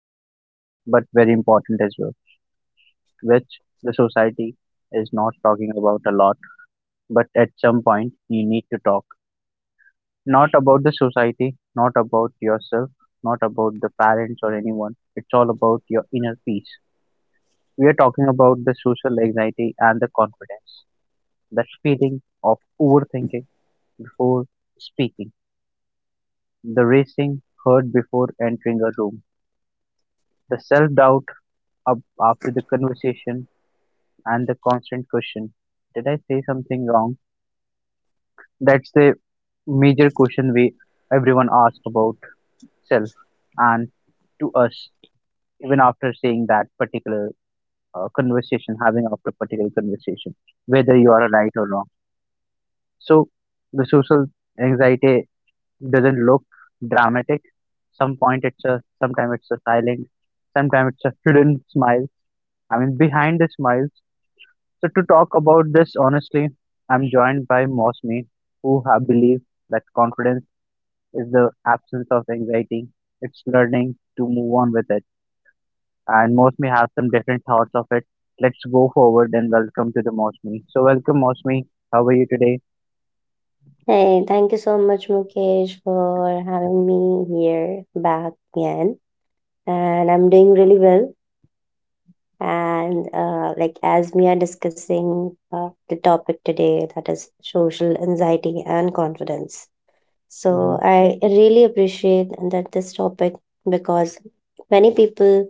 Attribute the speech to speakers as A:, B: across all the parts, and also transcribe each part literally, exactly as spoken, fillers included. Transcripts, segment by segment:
A: deeper, but very important as well, which the society is not talking about a lot, but at some point you need to talk. Not about the society, not about yourself, not about the parents or anyone. It's all about your inner peace. We are talking about the social anxiety and the confidence, that feeling of overthinking before speaking. The racing heard before entering a room, the self-doubt up after the conversation, and the constant question, "Did I say something wrong?" That's the major question we everyone asks about self and to us even after saying that particular uh, conversation, having after particular conversation, whether you are right or wrong. So the social anxiety doesn't look dramatic. Some point it's a sometimes it's a silent, sometimes it's a hidden smile. I mean behind the smiles. So to talk about this honestly, I'm joined by Mosmi, who ha- believe that confidence is the absence of anxiety. It's learning to move on with it. And Mosmi have some different thoughts of it. Let's go forward and welcome to the Mosmi. So welcome Mosmi. How are you today?
B: Hey, thank you so much, Mukesh, for having me here back again. And I'm doing really well. And uh, like as we are discussing uh, the topic today, that is social anxiety and confidence.
A: Mm-hmm.
B: So I really appreciate that this topic because many people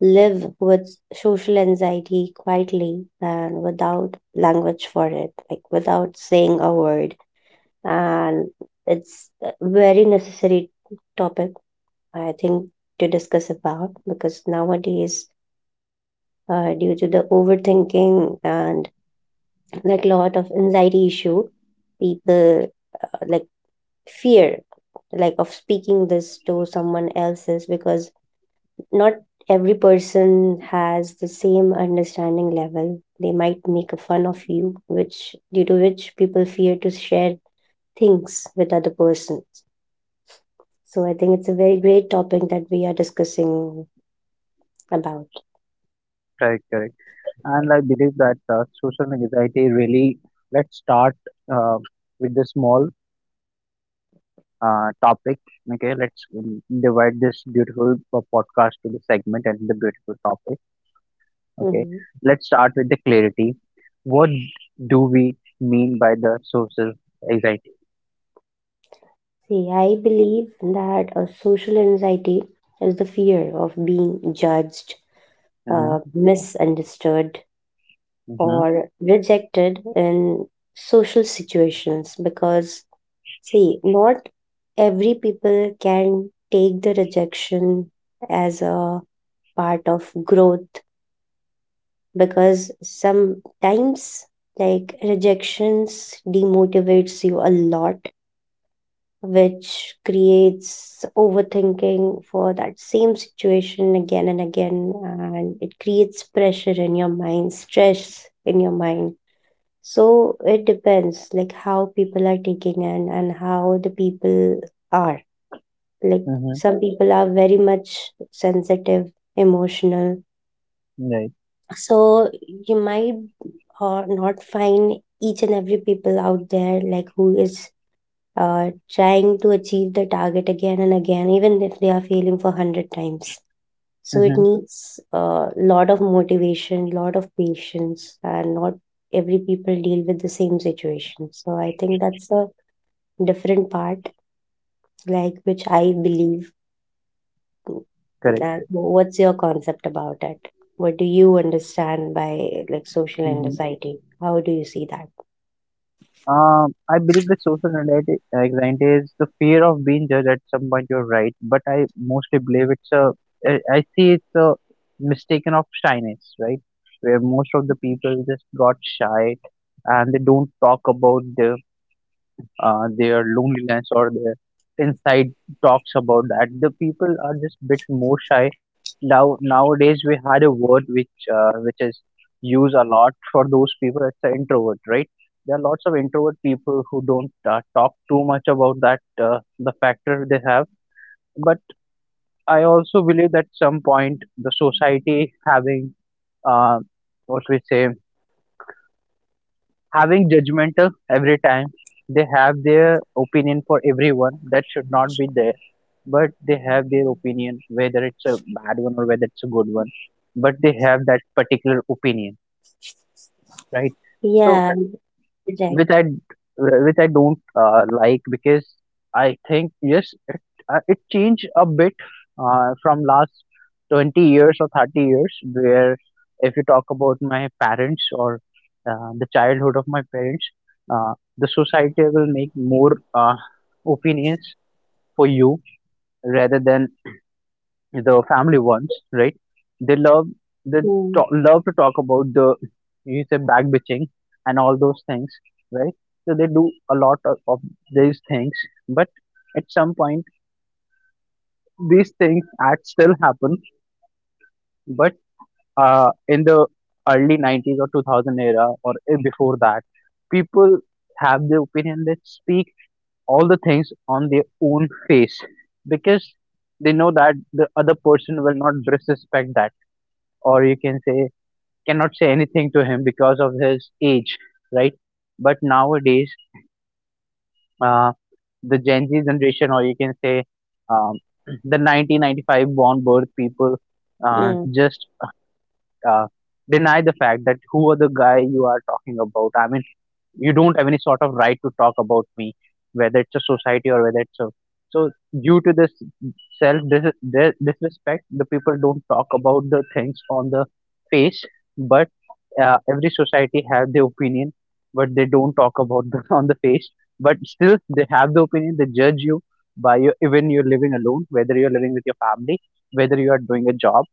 B: live with social anxiety quietly and without language for it, like without saying a word, and it's a very necessary topic, I think, to discuss about because nowadays, uh, due to the overthinking and like lot of anxiety issue, people uh, like fear like of speaking this to someone else's because not every person has the same understanding level. They might make a fun of you, which due to which people fear to share things with other person. So I think it's a very great topic that we are discussing about.
A: Correct, correct. And I believe that uh, social anxiety really, let's start uh, with the small uh, topic. Okay, let's um, divide this beautiful po- podcast to the segment and the beautiful topic. Okay,
B: Hmm.
A: let's start with the clarity. What do we mean by the social anxiety?
B: See, I believe that a social anxiety is the fear of being judged,
A: Mm-hmm,
B: uh, misunderstood,
A: mm-hmm,
B: or rejected in social situations because, see, not every people can take the rejection as a part of growth because sometimes like rejections demotivates you a lot, which creates overthinking for that same situation again and again, and it creates pressure in your mind, stress in your mind. So it depends like how people are taking in and how the people are, like,
A: mm-hmm,
B: some people are very much sensitive, emotional.
A: right.
B: So you might or not find each and every people out there like who is uh, trying to achieve the target again and again even if they are failing for one hundred times. So it
A: Mm-hmm,
B: needs a lot of motivation, lot of patience, and not every people deal with the same situation. So I think that's a different part like which I believe.
A: correct.
B: That what's your concept about it? What do you understand by, like, social
A: Mm-hmm.
B: anxiety? How do you see that?
A: Um, I believe the social anxiety, anxiety is the fear of being judged at some point. You're right, but I mostly believe it's a. I I see it's a mistaken of shyness, right? Where most of the people just got shy, and they don't talk about the uh, their loneliness or their inside talks about that. The people are just bit more shy. Now nowadays we had a word which uh, which is used a lot for those people. It's the introvert, right? There are lots of introvert people who don't uh, talk too much about that uh, the factor they have. But I also believe that some point the society having uh, what we say having judgmental every time, they have their opinion for everyone that should not be there, but they have their opinion whether it's a bad one or whether it's a good one, but they have that particular opinion, right?
B: Yeah.
A: So
B: Correct.
A: which I d- which I don't uh, like, because I think yes, it, uh, it changed a bit uh, from last twenty years or thirty years. Where if you talk about my parents or uh, the childhood of my parents, uh, the society will make more uh, opinions for you rather than the family ones, right? They love they
B: Mm,
A: to- love to talk about the, you say, back bitching and all those things, right? So they do a lot of, of these things, but at some point these things act still happen. But uh, in the early nineties or two thousand era or uh, before that, people have the opinion that speak all the things on their own face because they know that the other person will not disrespect that, or you can say cannot say anything to him because of his age, right? But nowadays, uh, the Gen Z generation, or you can say um, the nineteen ninety-five born birth people, uh,
B: mm,
A: just uh, deny the fact that who are the guy you are talking about. I mean, you don't have any sort of right to talk about me, whether it's a society or whether it's a. So due to this self dis- dis- disrespect, the people don't talk about the things on the face, but uh, every society have the opinion, but they don't talk about the on the face, but still they have the opinion, they judge you by your, even you're living alone, whether you're living with your family, whether you are doing a job.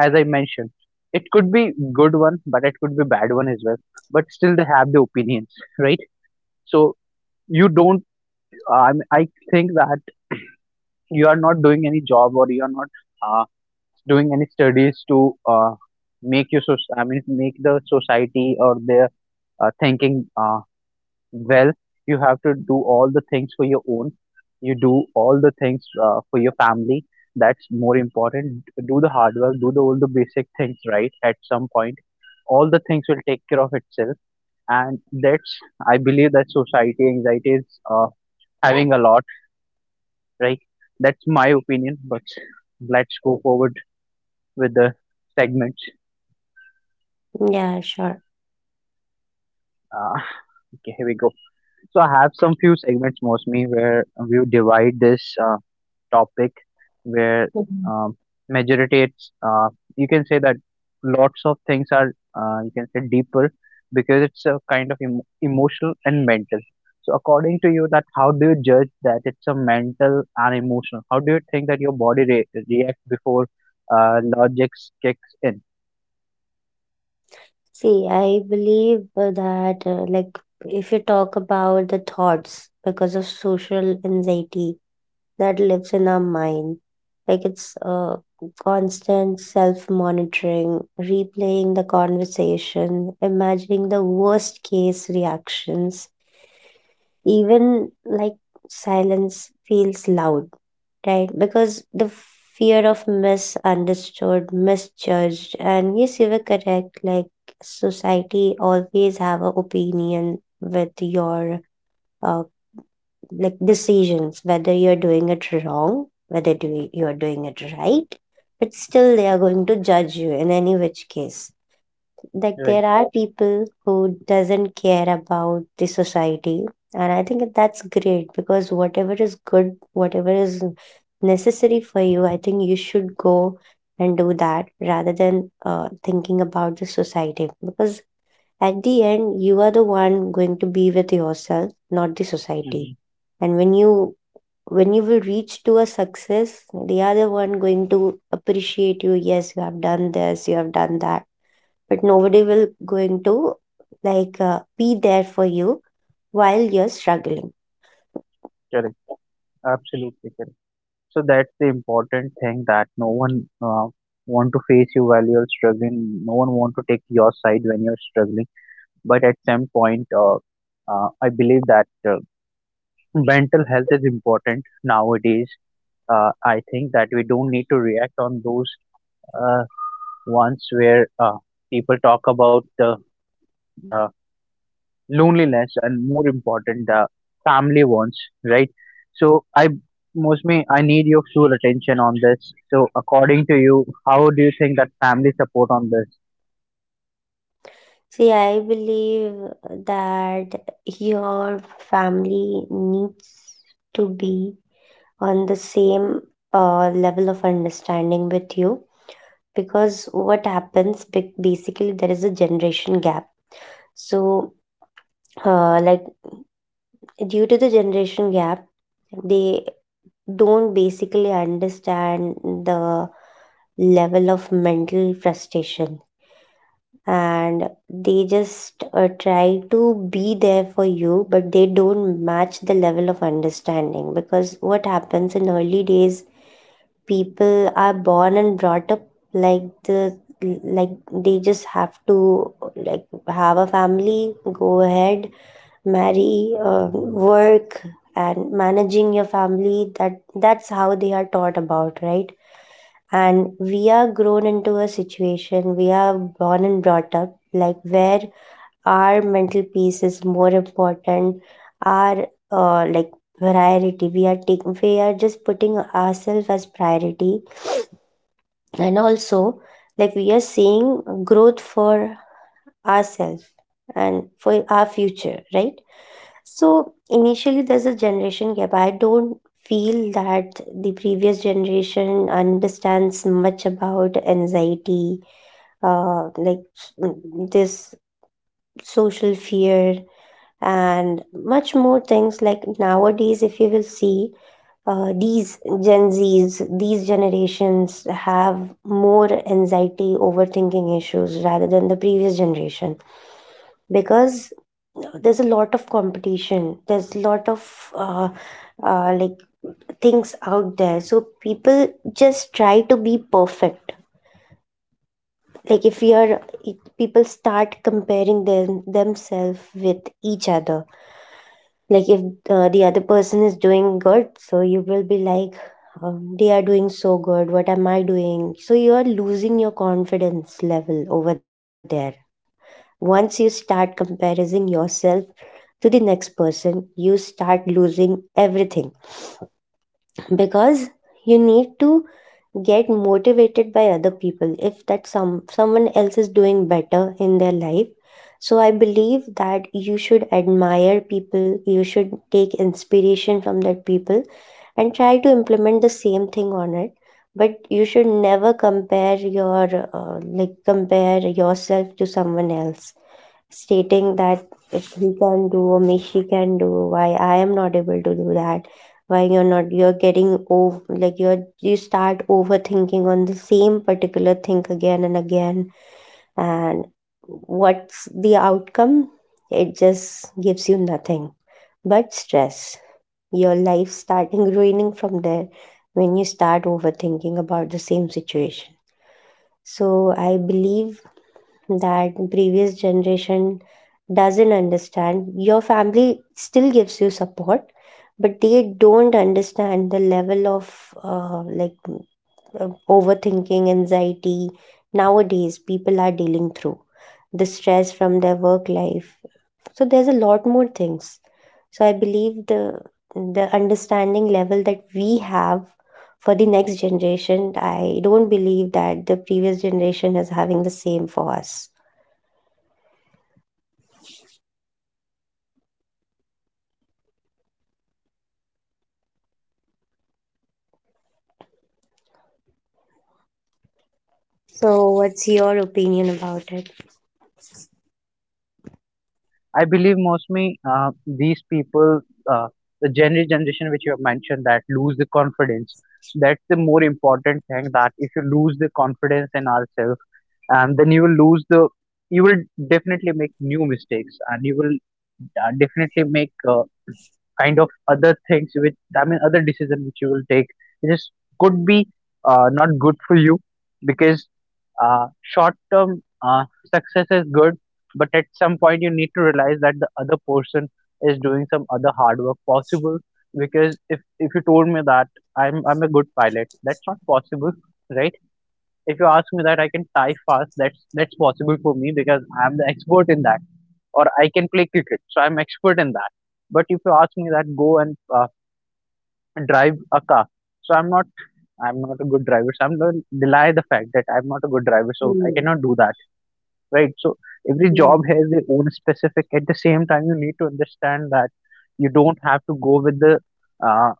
A: As I mentioned, it could be good one, but it could be bad one as well. But still, they have the opinions, right? So you don't. Um, I think that you are not doing any job or you are not uh, doing any studies to uh, make your soc- I mean make the society or their uh, thinking uh, well, you have to do all the things for your own. You do all the things uh, for your family. That's more important. Do the hard work, do the, all the basic things right at some point. All the things will take care of itself. And that's, I believe that society anxiety is uh, having a lot, right? That's my opinion, but let's go forward with the segments.
B: yeah, sure.
A: Uh, okay, here we go. So I have some few segments, mostly where we divide this. Uh, topic where
B: Mhm.
A: um, majority it's uh, you can say that lots of things are uh, you can say deeper, because it's a kind of emo emotional and mental. So according to you that how do you judge that it's a mental and emotional, how do you think that your body re- reacts before uh, logic kicks in,
B: See, I believe uh, that, uh, like, if you talk about the thoughts because of social anxiety that lives in our mind, like it's uh, constant self-monitoring, replaying the conversation, imagining the worst case reactions, even like silence feels loud. Right, because the fear of misunderstood, misjudged, and yes, you were correct. Like, society always have an opinion with your uh, like decisions, whether you're doing it wrong, whether do you're doing it right, but still they are going to judge you in any which case. Like,
A: right?
B: there are people who doesn't care about the society, and I think that's great because whatever is good, whatever is necessary for you, I think you should go and do that rather than uh, thinking about the society because at the end you are the one going to be with yourself, not the society.
A: Mhm.
B: And when you, when you will reach to a success, the other one going to appreciate you. Yes, you have done this, you have done that, but nobody will going to like uh, be there for you while you're struggling.
A: Correct, absolutely correct. So that's the important thing, that no one uh, want to face you while you're struggling, no one want to take your side when you're struggling, but at some point uh, uh, I believe that uh, mental health is important nowadays. uh, I think that we don't need to react on those uh, ones where uh, people talk about the uh, loneliness and more important the family ones, right? So I, mostly I need your full attention on this. So according to you, how do you think that family support on this?
B: See, I believe that your family needs to be on the same uh, level of understanding with you because what happens ba- basically there is a generation gap. So, uh, like due to the generation gap, they don't basically understand the level of mental frustration, and they just uh, try to be there for you, but they don't match the level of understanding because what happens in early days, people are born and brought up like the like they just have to, like, have a family, go ahead, marry, um, work, and managing your family. That that's how they are taught about, right? And we are grown into a situation. We are born and brought up like where our mental peace is more important. Our, uh, like priority. We are taking. We are just putting ourselves as priority, and also like we are seeing growth for ourselves and for our future, right? So initially, there's a generation gap. I don't feel that the previous generation understands much about anxiety, uh, like s- mm, this social fear, and much more things. Like nowadays, if you will see, uh, these Gen Zs, these generations have more anxiety, overthinking issues rather than the previous generation because there's a lot of competition, there's a lot of uh, uh, like things out there. So people just try to be perfect. Like if you are, if people start comparing them themselves with each other, like if uh, the other person is doing good, so you will be like, um, they are doing so good, what am I doing? So you are losing your confidence level over there. Once you start comparing yourself to the next person, you start losing everything because you need to get motivated by other people if that some someone else is doing better in their life. So I believe that you should admire people, you should take inspiration from that people, and try to implement the same thing on it. But you should never compare your uh, like compare yourself to someone else stating that if he can do, or me, she can do, why I am not able to do that? Why you're not, you're getting over like you're you start overthinking on the same particular thing again and again. And what's the outcome? It just gives you nothing but stress. Your life starting ruining from there when you start overthinking about the same situation. So I believe that previous generation doesn't understand. Your family still gives you support, but they don't understand the level of uh, like uh, overthinking anxiety nowadays. People are dealing through the stress from their work life. So there's a lot more things. So I believe the the understanding level that we have for the next generation, I don't believe that the previous generation is having the same for us. So, what's your opinion about it?
A: I believe mostly uh, these people, uh, the gener generation which you have mentioned, that lose the confidence. That's the more important thing. That if you lose the confidence in ourselves, and then you will lose the, you will definitely make new mistakes, and you will uh, definitely make uh, kind of other things, which I mean other decision which you will take. This could be uh, not good for you, because uh, short-term uh, success is good, but at some point you need to realize that the other person is doing some other hard work possible. Because if if you told me that I'm I'm a good pilot, that's not possible, right? If you ask me that I can tie fast, that's that's possible for me because I'm the expert in that, or I can play cricket, so I'm expert in that. But if you ask me that go and uh, drive a car, so I'm not I'm not a good driver. So I'm going to deny the fact that I'm not a good driver. So I
B: Hmm.
A: cannot do that, right? So every
B: Yeah,
A: job has their own specific. At the same time, you need to understand that you don't have to go with the uh,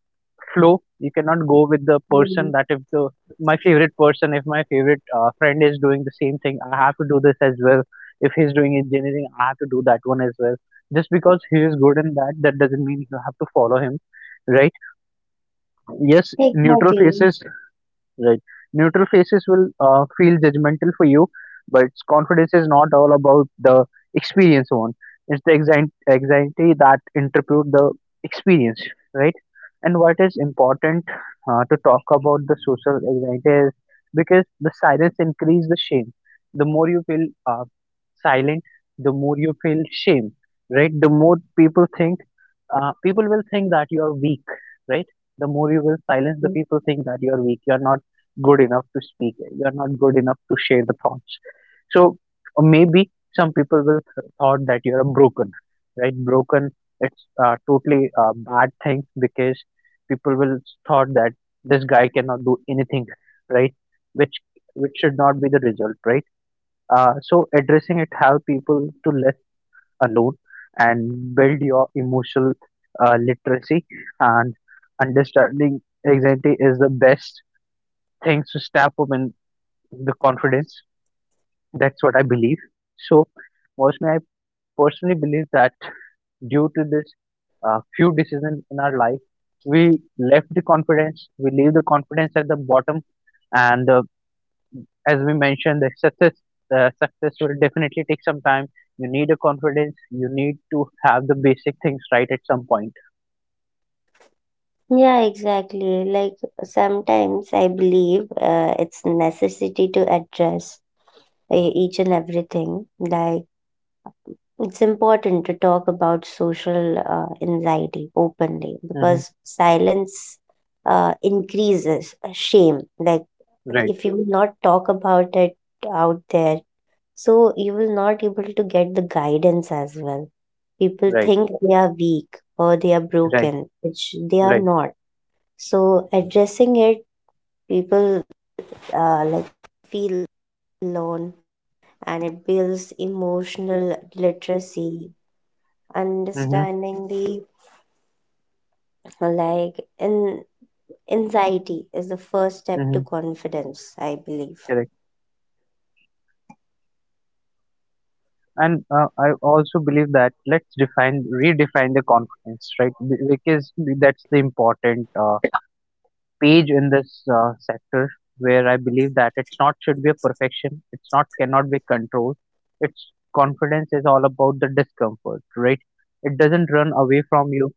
A: flow. You cannot go with the person
B: yeah.
A: that if the my favorite person, if my favorite uh, friend is doing the same thing, I have to do this as well. If he's doing engineering, I have to do that one as well. Just because he is good in that, that doesn't mean you have to follow him, right? Yes, neutral
B: Exactly. That's
A: faces. Right. Neutral faces will uh, feel judgmental for you, but confidence is not all about the experience one. It's the anxi- anxiety that interpret the experience, right? And what is important uh, to talk about the social anxiety is because the silence increase the shame. The more you feel uh, silent, the more you feel shame, right? The more people think uh, people will think that you are weak, right? The more you will silence the
B: true.
A: people think that you are weak, you are not good enough to speak, you are not good enough to share the thoughts. So or maybe some people will th- thought that you are broken, right? Broken, it's uh, totally a bad thing because people will thought that this guy cannot do anything, right? Which which should not be the result, right? Uh, so addressing it help people to alone and build your emotional uh, literacy, and understanding anxiety is the best things to step up in the confidence. That's what I believe. So, mostly I personally believe that due to this uh, few decisions in our life, we left the confidence, we leave the confidence at the bottom, and uh, as we mentioned the success, uh, success will definitely take some time, you need a confidence, you need to have the basic things right at some point.
B: Yeah, exactly. Like sometimes I believe uh, it's necessity to address uh, each and everything. Like it's important to talk about social uh, anxiety openly
A: Hmm,
B: because silence uh, increases shame. Like
A: right,
B: if you will not talk about it out there, so you will not able to get the guidance as well. People
A: right,
B: think they are weak or they are
A: right,
B: broken, which they are
A: right.
B: not. So addressing it,
A: Mm-hmm. Mm-hmm. Correct. And uh, I also believe that let's define redefine the confidence, right? Be- because that's the important uh, page in this uh, sector where I believe that it's not should be a perfection. It's not cannot be controlled. It's confidence is all about the discomfort, right? It doesn't run
B: mhm,
A: away from you.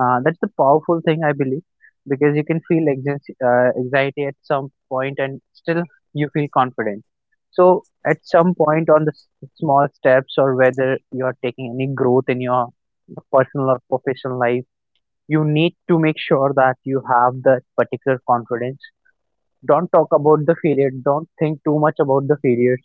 A: Uh, that's the powerful thing I believe, because you can feel anxi- uh, anxiety at some point and still you feel confident. So at some point on the s- small steps, or whether you are taking any growth in your personal or professional life, you need to make sure that you have that particular confidence. Don't talk about the failure. Don't think too much about the failures.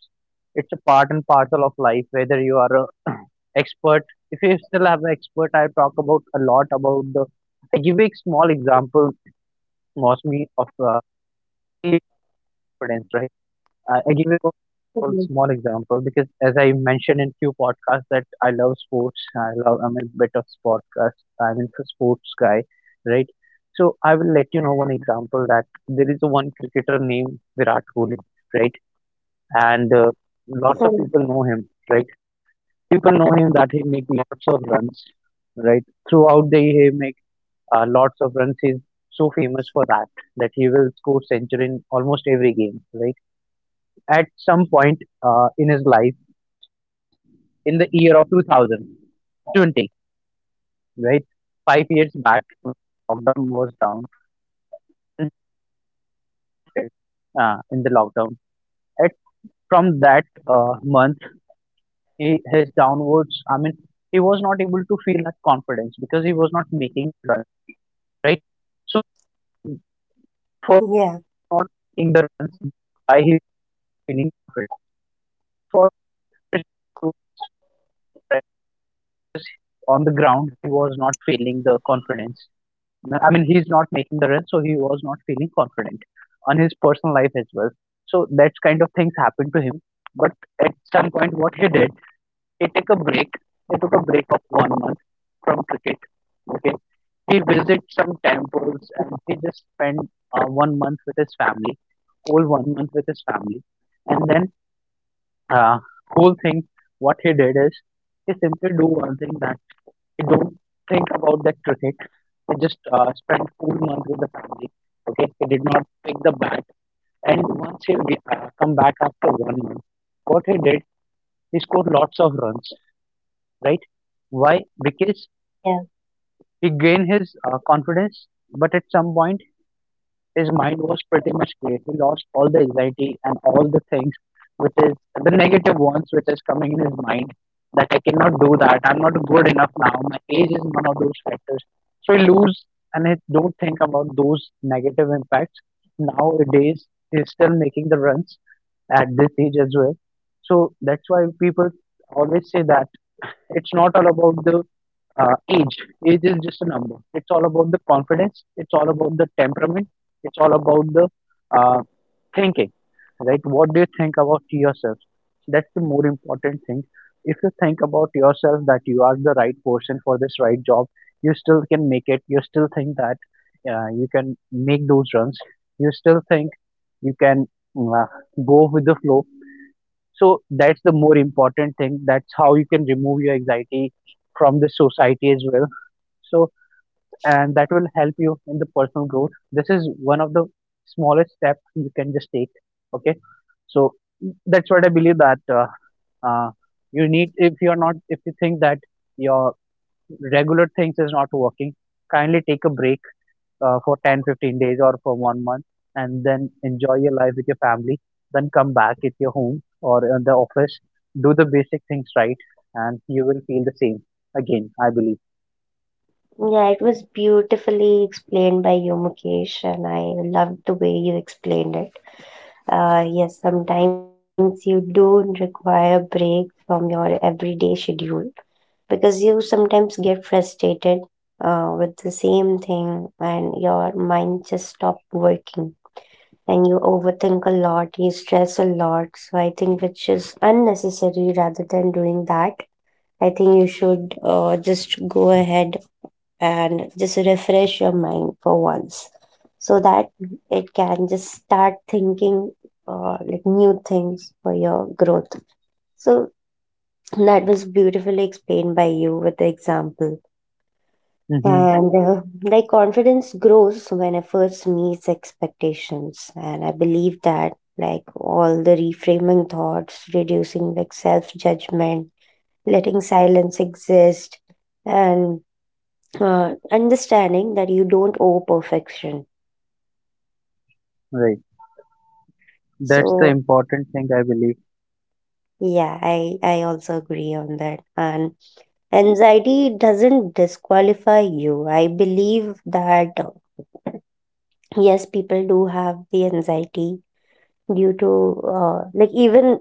A: It's a part and parcel of life. Whether you are a expert, if you still have an expert, I talk about a lot about the. I give a small example. Was me of uh, confidence, right? I I give you a
B: mhm,
A: one small example, because as I mentioned in few podcasts that I love sports. I love I'm a bit of podcast. I'm into sports guy, right? So I will let you know one example that there is a one cricketer named Virat Kohli, right? And uh,
B: mhm.
A: Lots of people know him, right? People know him that he make lots of runs, right? Throughout the year, he make uh, lots of runs. He's so famous for that, that he will score century in almost every game, right? At some point uh, in his life, in the year of two thousand twenty, right? Five years back, lockdown was down uh, in the lockdown. And from that uh, month, he, his downwards, I mean, he was not able to feel that confidence because he was not making runs, right? So,
B: Yeah,
A: for not making the runs, why he was feeling confident? For to practice on the ground, he was not feeling the confidence. I mean, he's not making the run, so he was not feeling confident on his personal life as well. So that kind of things happened to him. But at some point, what he did, he took a break. He took a break of one month from cricket. Okay, he visited some temples and he just spent uh, one month with his family, whole one month with his family, and then uh, whole thing. What he did is he simply do one thing that I don't think about that cricket. I just uh, spent four months with the family. Okay, I did not pick the bat. And once he re- uh, come back after one month, what he did, he scored lots of runs. Right? Why?
B: yeah,
A: Because he gained his uh, confidence. But at some point, his mind was pretty much clear. He lost all the anxiety and all the things, which is the negative ones, which is coming in his mind, that I cannot do that. I'm not good enough now. My age is one of those factors. So I lose and I don't think about those negative impacts. Nowadays, he's still making the runs at this age as well. So that's why people always say that it's not all about the uh, age age is just a number. It's all about the confidence, it's all about the temperament, it's all about the uh, thinking, right? What do you think about yourself? That's the more important thing. If you think about yourself that you are the right person for this right job, you still can make it. You still think that uh, you can make those runs. You still think you can uh, go with the flow. So that's the more important thing. That's how you can remove your anxiety from the society as well. So and that will help you in the personal growth. This is one of the smallest steps you can just take. Okay, so that's what I believe that uh, uh, you need if you're not if you think that your regular things is not working, kindly take a break uh, for ten, fifteen days or for one month, and then enjoy your life with your family, then come back at your home or in the office, do the basic things right, and you will feel the same again, I believe.
B: yeah. It was beautifully explained by you, Mukesh, and I loved the way you explained it. Uh, yes, sometimes you do require break from your everyday schedule because you frustrated uh, with the same thing, and your mind just stop working, and you overthink a lot, you stress a lot. So I think which is unnecessary. Rather than doing that, I think you should uh, just go ahead and just refresh your mind for once so that it can just start thinking uh, like new things for your growth. So that was beautifully explained by you with the example.
A: Hmm.
B: And uh, like confidence grows when efforts meets expectations. And I believe that like all the reframing thoughts, reducing like self judgment, letting silence exist, and uh, understanding that you don't owe perfection.
A: Right, that's the
B: So
A: important thing I believe.
B: yeah, i i also agree on that. And anxiety doesn't disqualify you. I believe that, uh, yes, people do have the anxiety due to uh, like even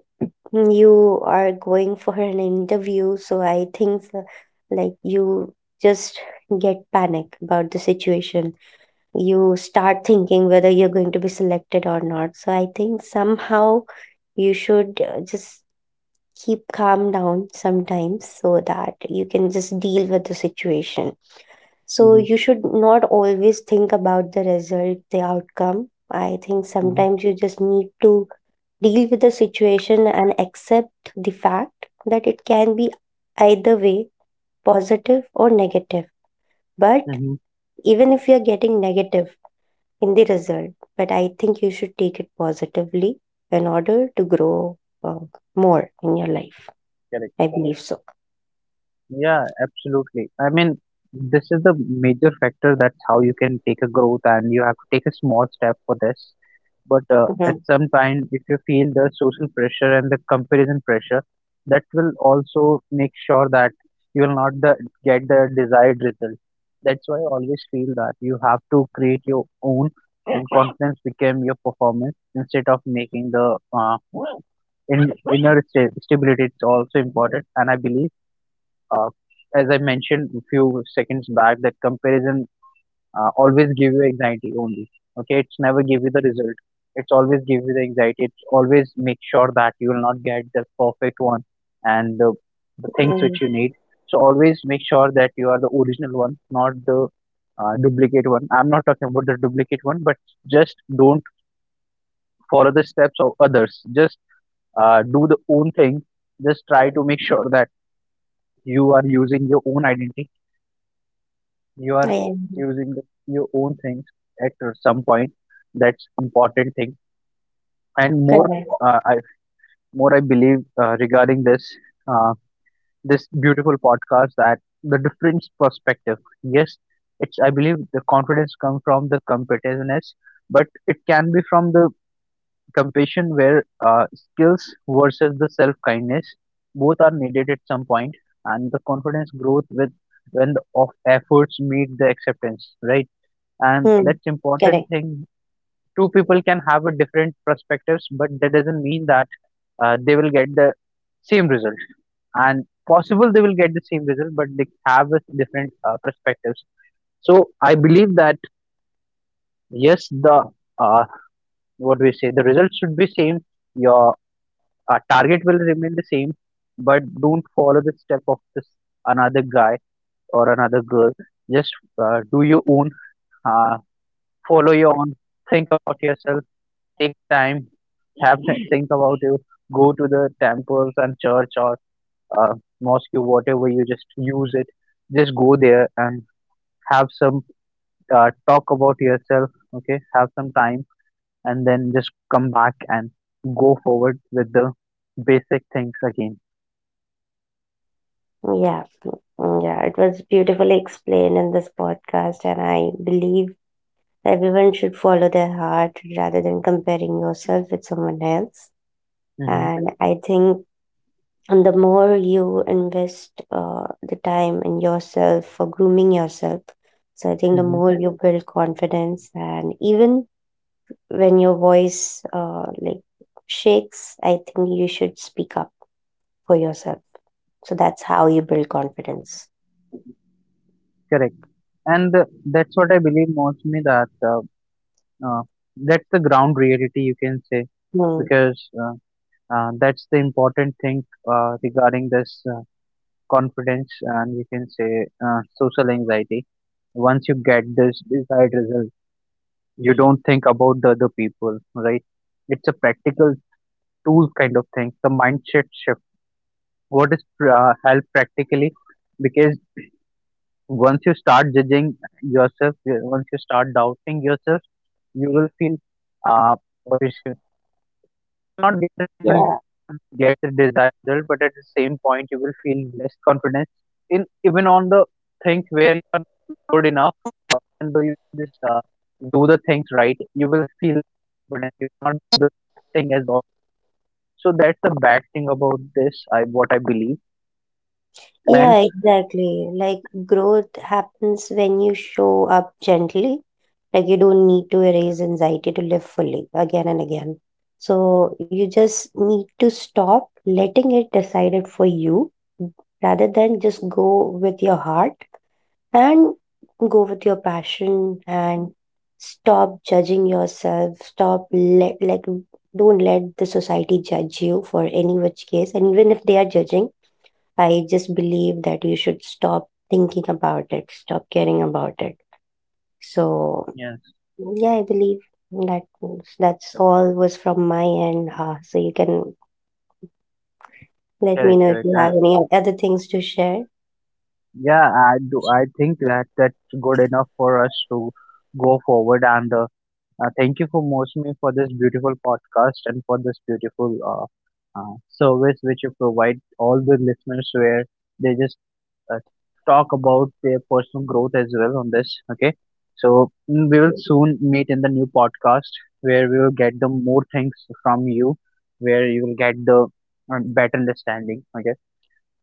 B: you are going for an interview, so I think so, like you just get panic about the situation. You start thinking whether you're going to be selected or not. So I think somehow you should uh, just keep calm down sometimes so that you can just deal with the situation. So
A: Hmm.
B: you should not always think about the result, the outcome. I think
A: Hmm.
B: sometimes you just need to deal with the situation and accept the fact that it can be either way, positive or negative. But
A: Hmm.
B: even if you're getting negative in the result, but I think you should take it positively in order to grow uh, more in your life.
A: Correct.
B: I believe so.
A: Yeah, absolutely. I mean, this is the major factor. That's how you can take a growth, and you have to take a small step for this. But uh, at
B: Mhm.
A: some time, if you feel the social pressure and the comparison pressure, that will also make sure that you will not the, get the desired result. That's why I always feel that you have to create your own, and confidence become your performance instead of making the uh, in, inner sta- stability. It's also important. And I believe uh, as I mentioned a few seconds back that comparison uh, always give you anxiety only. Okay, it's never give you the result. It's always give you the anxiety, it's always make sure that you will not get the perfect one, and the, the things
B: Hmm.
A: which you need. So always make sure that you are the original one, not the uh, duplicate one. I'm not talking about the duplicate one, but just don't follow the steps of others, just uh, do the own thing. Just try to make sure that you are using your own identity, you
B: I
A: are
B: agree.
A: using the, your own things at some point. That's important thing. And more
B: Correct.
A: uh, I more I believe uh, regarding this uh, this beautiful podcast, that the different perspective, yes, it's I believe the confidence comes from the competitiveness, but it can be from the compassion, where uh, skills versus the self kindness, both are needed at some point. And the confidence growth with when the of efforts meet the acceptance, right? And
B: Hmm.
A: that's important
B: Correct.
A: thing. Two people can have a different perspectives, but that doesn't mean that uh, they will get the same result, and possible they will get the same result, but they have a different uh, perspectives. So I believe that yes the uh, what we say the results should be same, your uh, target will remain the same, but don't follow the step of this another guy or another girl, just uh, do your own uh, follow your own, think about yourself, take time, have to think about it, go to the temples and church or uh, mosque, whatever you just use it. Just go there and have some uh, talk about yourself. Okay, have some time and then just come back and go forward with the basic things again.
B: Yeah. Mm, yeah. It was beautifully explained in this podcast, and I believe everyone should follow their heart rather than comparing yourself with someone else.
A: Hmm.
B: And I think, and the more you invest uh, the time in yourself for grooming yourself, so I think the
A: Hmm.
B: more you build confidence, and even when your voice uh, like shakes, I think you should speak up for yourself. So that's how you build confidence.
A: Correct. And uh, that's what I believe mostly that uh, uh, that's the ground reality you can say,
B: Hmm.
A: because uh, uh, that's the important thing uh, regarding this uh, confidence, and we can say uh, social anxiety. Once you get this desired result, you don't think about the other people, right? It's a practical tool kind of thing, the mindset shift, what is uh, help practically, because once you start judging yourself, once you start doubting yourself, you will feel uh, not necessarily
B: Yeah.
A: get the desired result, but at the same point, you will feel less confidence in even on the things where you are good enough. uh, Even though you just uh, do the things right, you will feel confident. You will not do the thing as well. So that's the bad thing about this. I what I believe. And
B: Yeah, exactly. Like growth happens when you show up gently. Like you don't need to erase anxiety to live fully again and again. So you just need to stop letting it decide it for you, rather than just go with your heart and go with your passion and stop judging yourself. Stop let like don't let the society judge you for any which case. And even if they are judging, I just believe that you should stop thinking about it, stop caring about it. So
A: yes,
B: yeah, I believe that that's all was from my end. Uh, so you can let me
A: correct,
B: know if
A: correct.
B: you have
A: Um,
B: any other things to share.
A: yeah, I do. I think that that's good enough for us to go forward. And uh, Uh, thank you for hosting for this beautiful podcast and for this beautiful uh, uh, service which you provide all the listeners, where they just uh, talk about their personal growth as well on this. Okay. So mm, we will soon meet in the new podcast where we will get the more things from you, where you will get the uh, better understanding. Okay.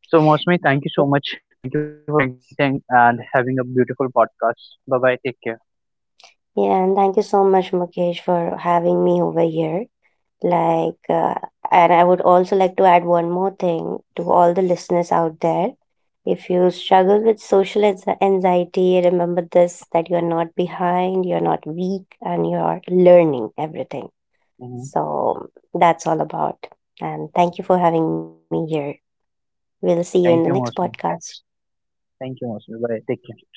A: So Mosmi, thank you so much. Thank you for contacting and having a beautiful podcast. Bye bye. Take care.
B: Yeah, and thank you so much, Mukesh, for having me over here. Like, uh, and I would also like to add one more thing to all the listeners out there. If you struggle with social anxi- anxiety, remember this that you're not behind, you're not weak, and you're learning everything.
A: Hmm.
B: So that's all about. And thank you for having me here. We'll see you in the
A: Thank
B: next
A: you, Mosmi.
B: podcast.
A: Thank you Masud. Bye. Take care.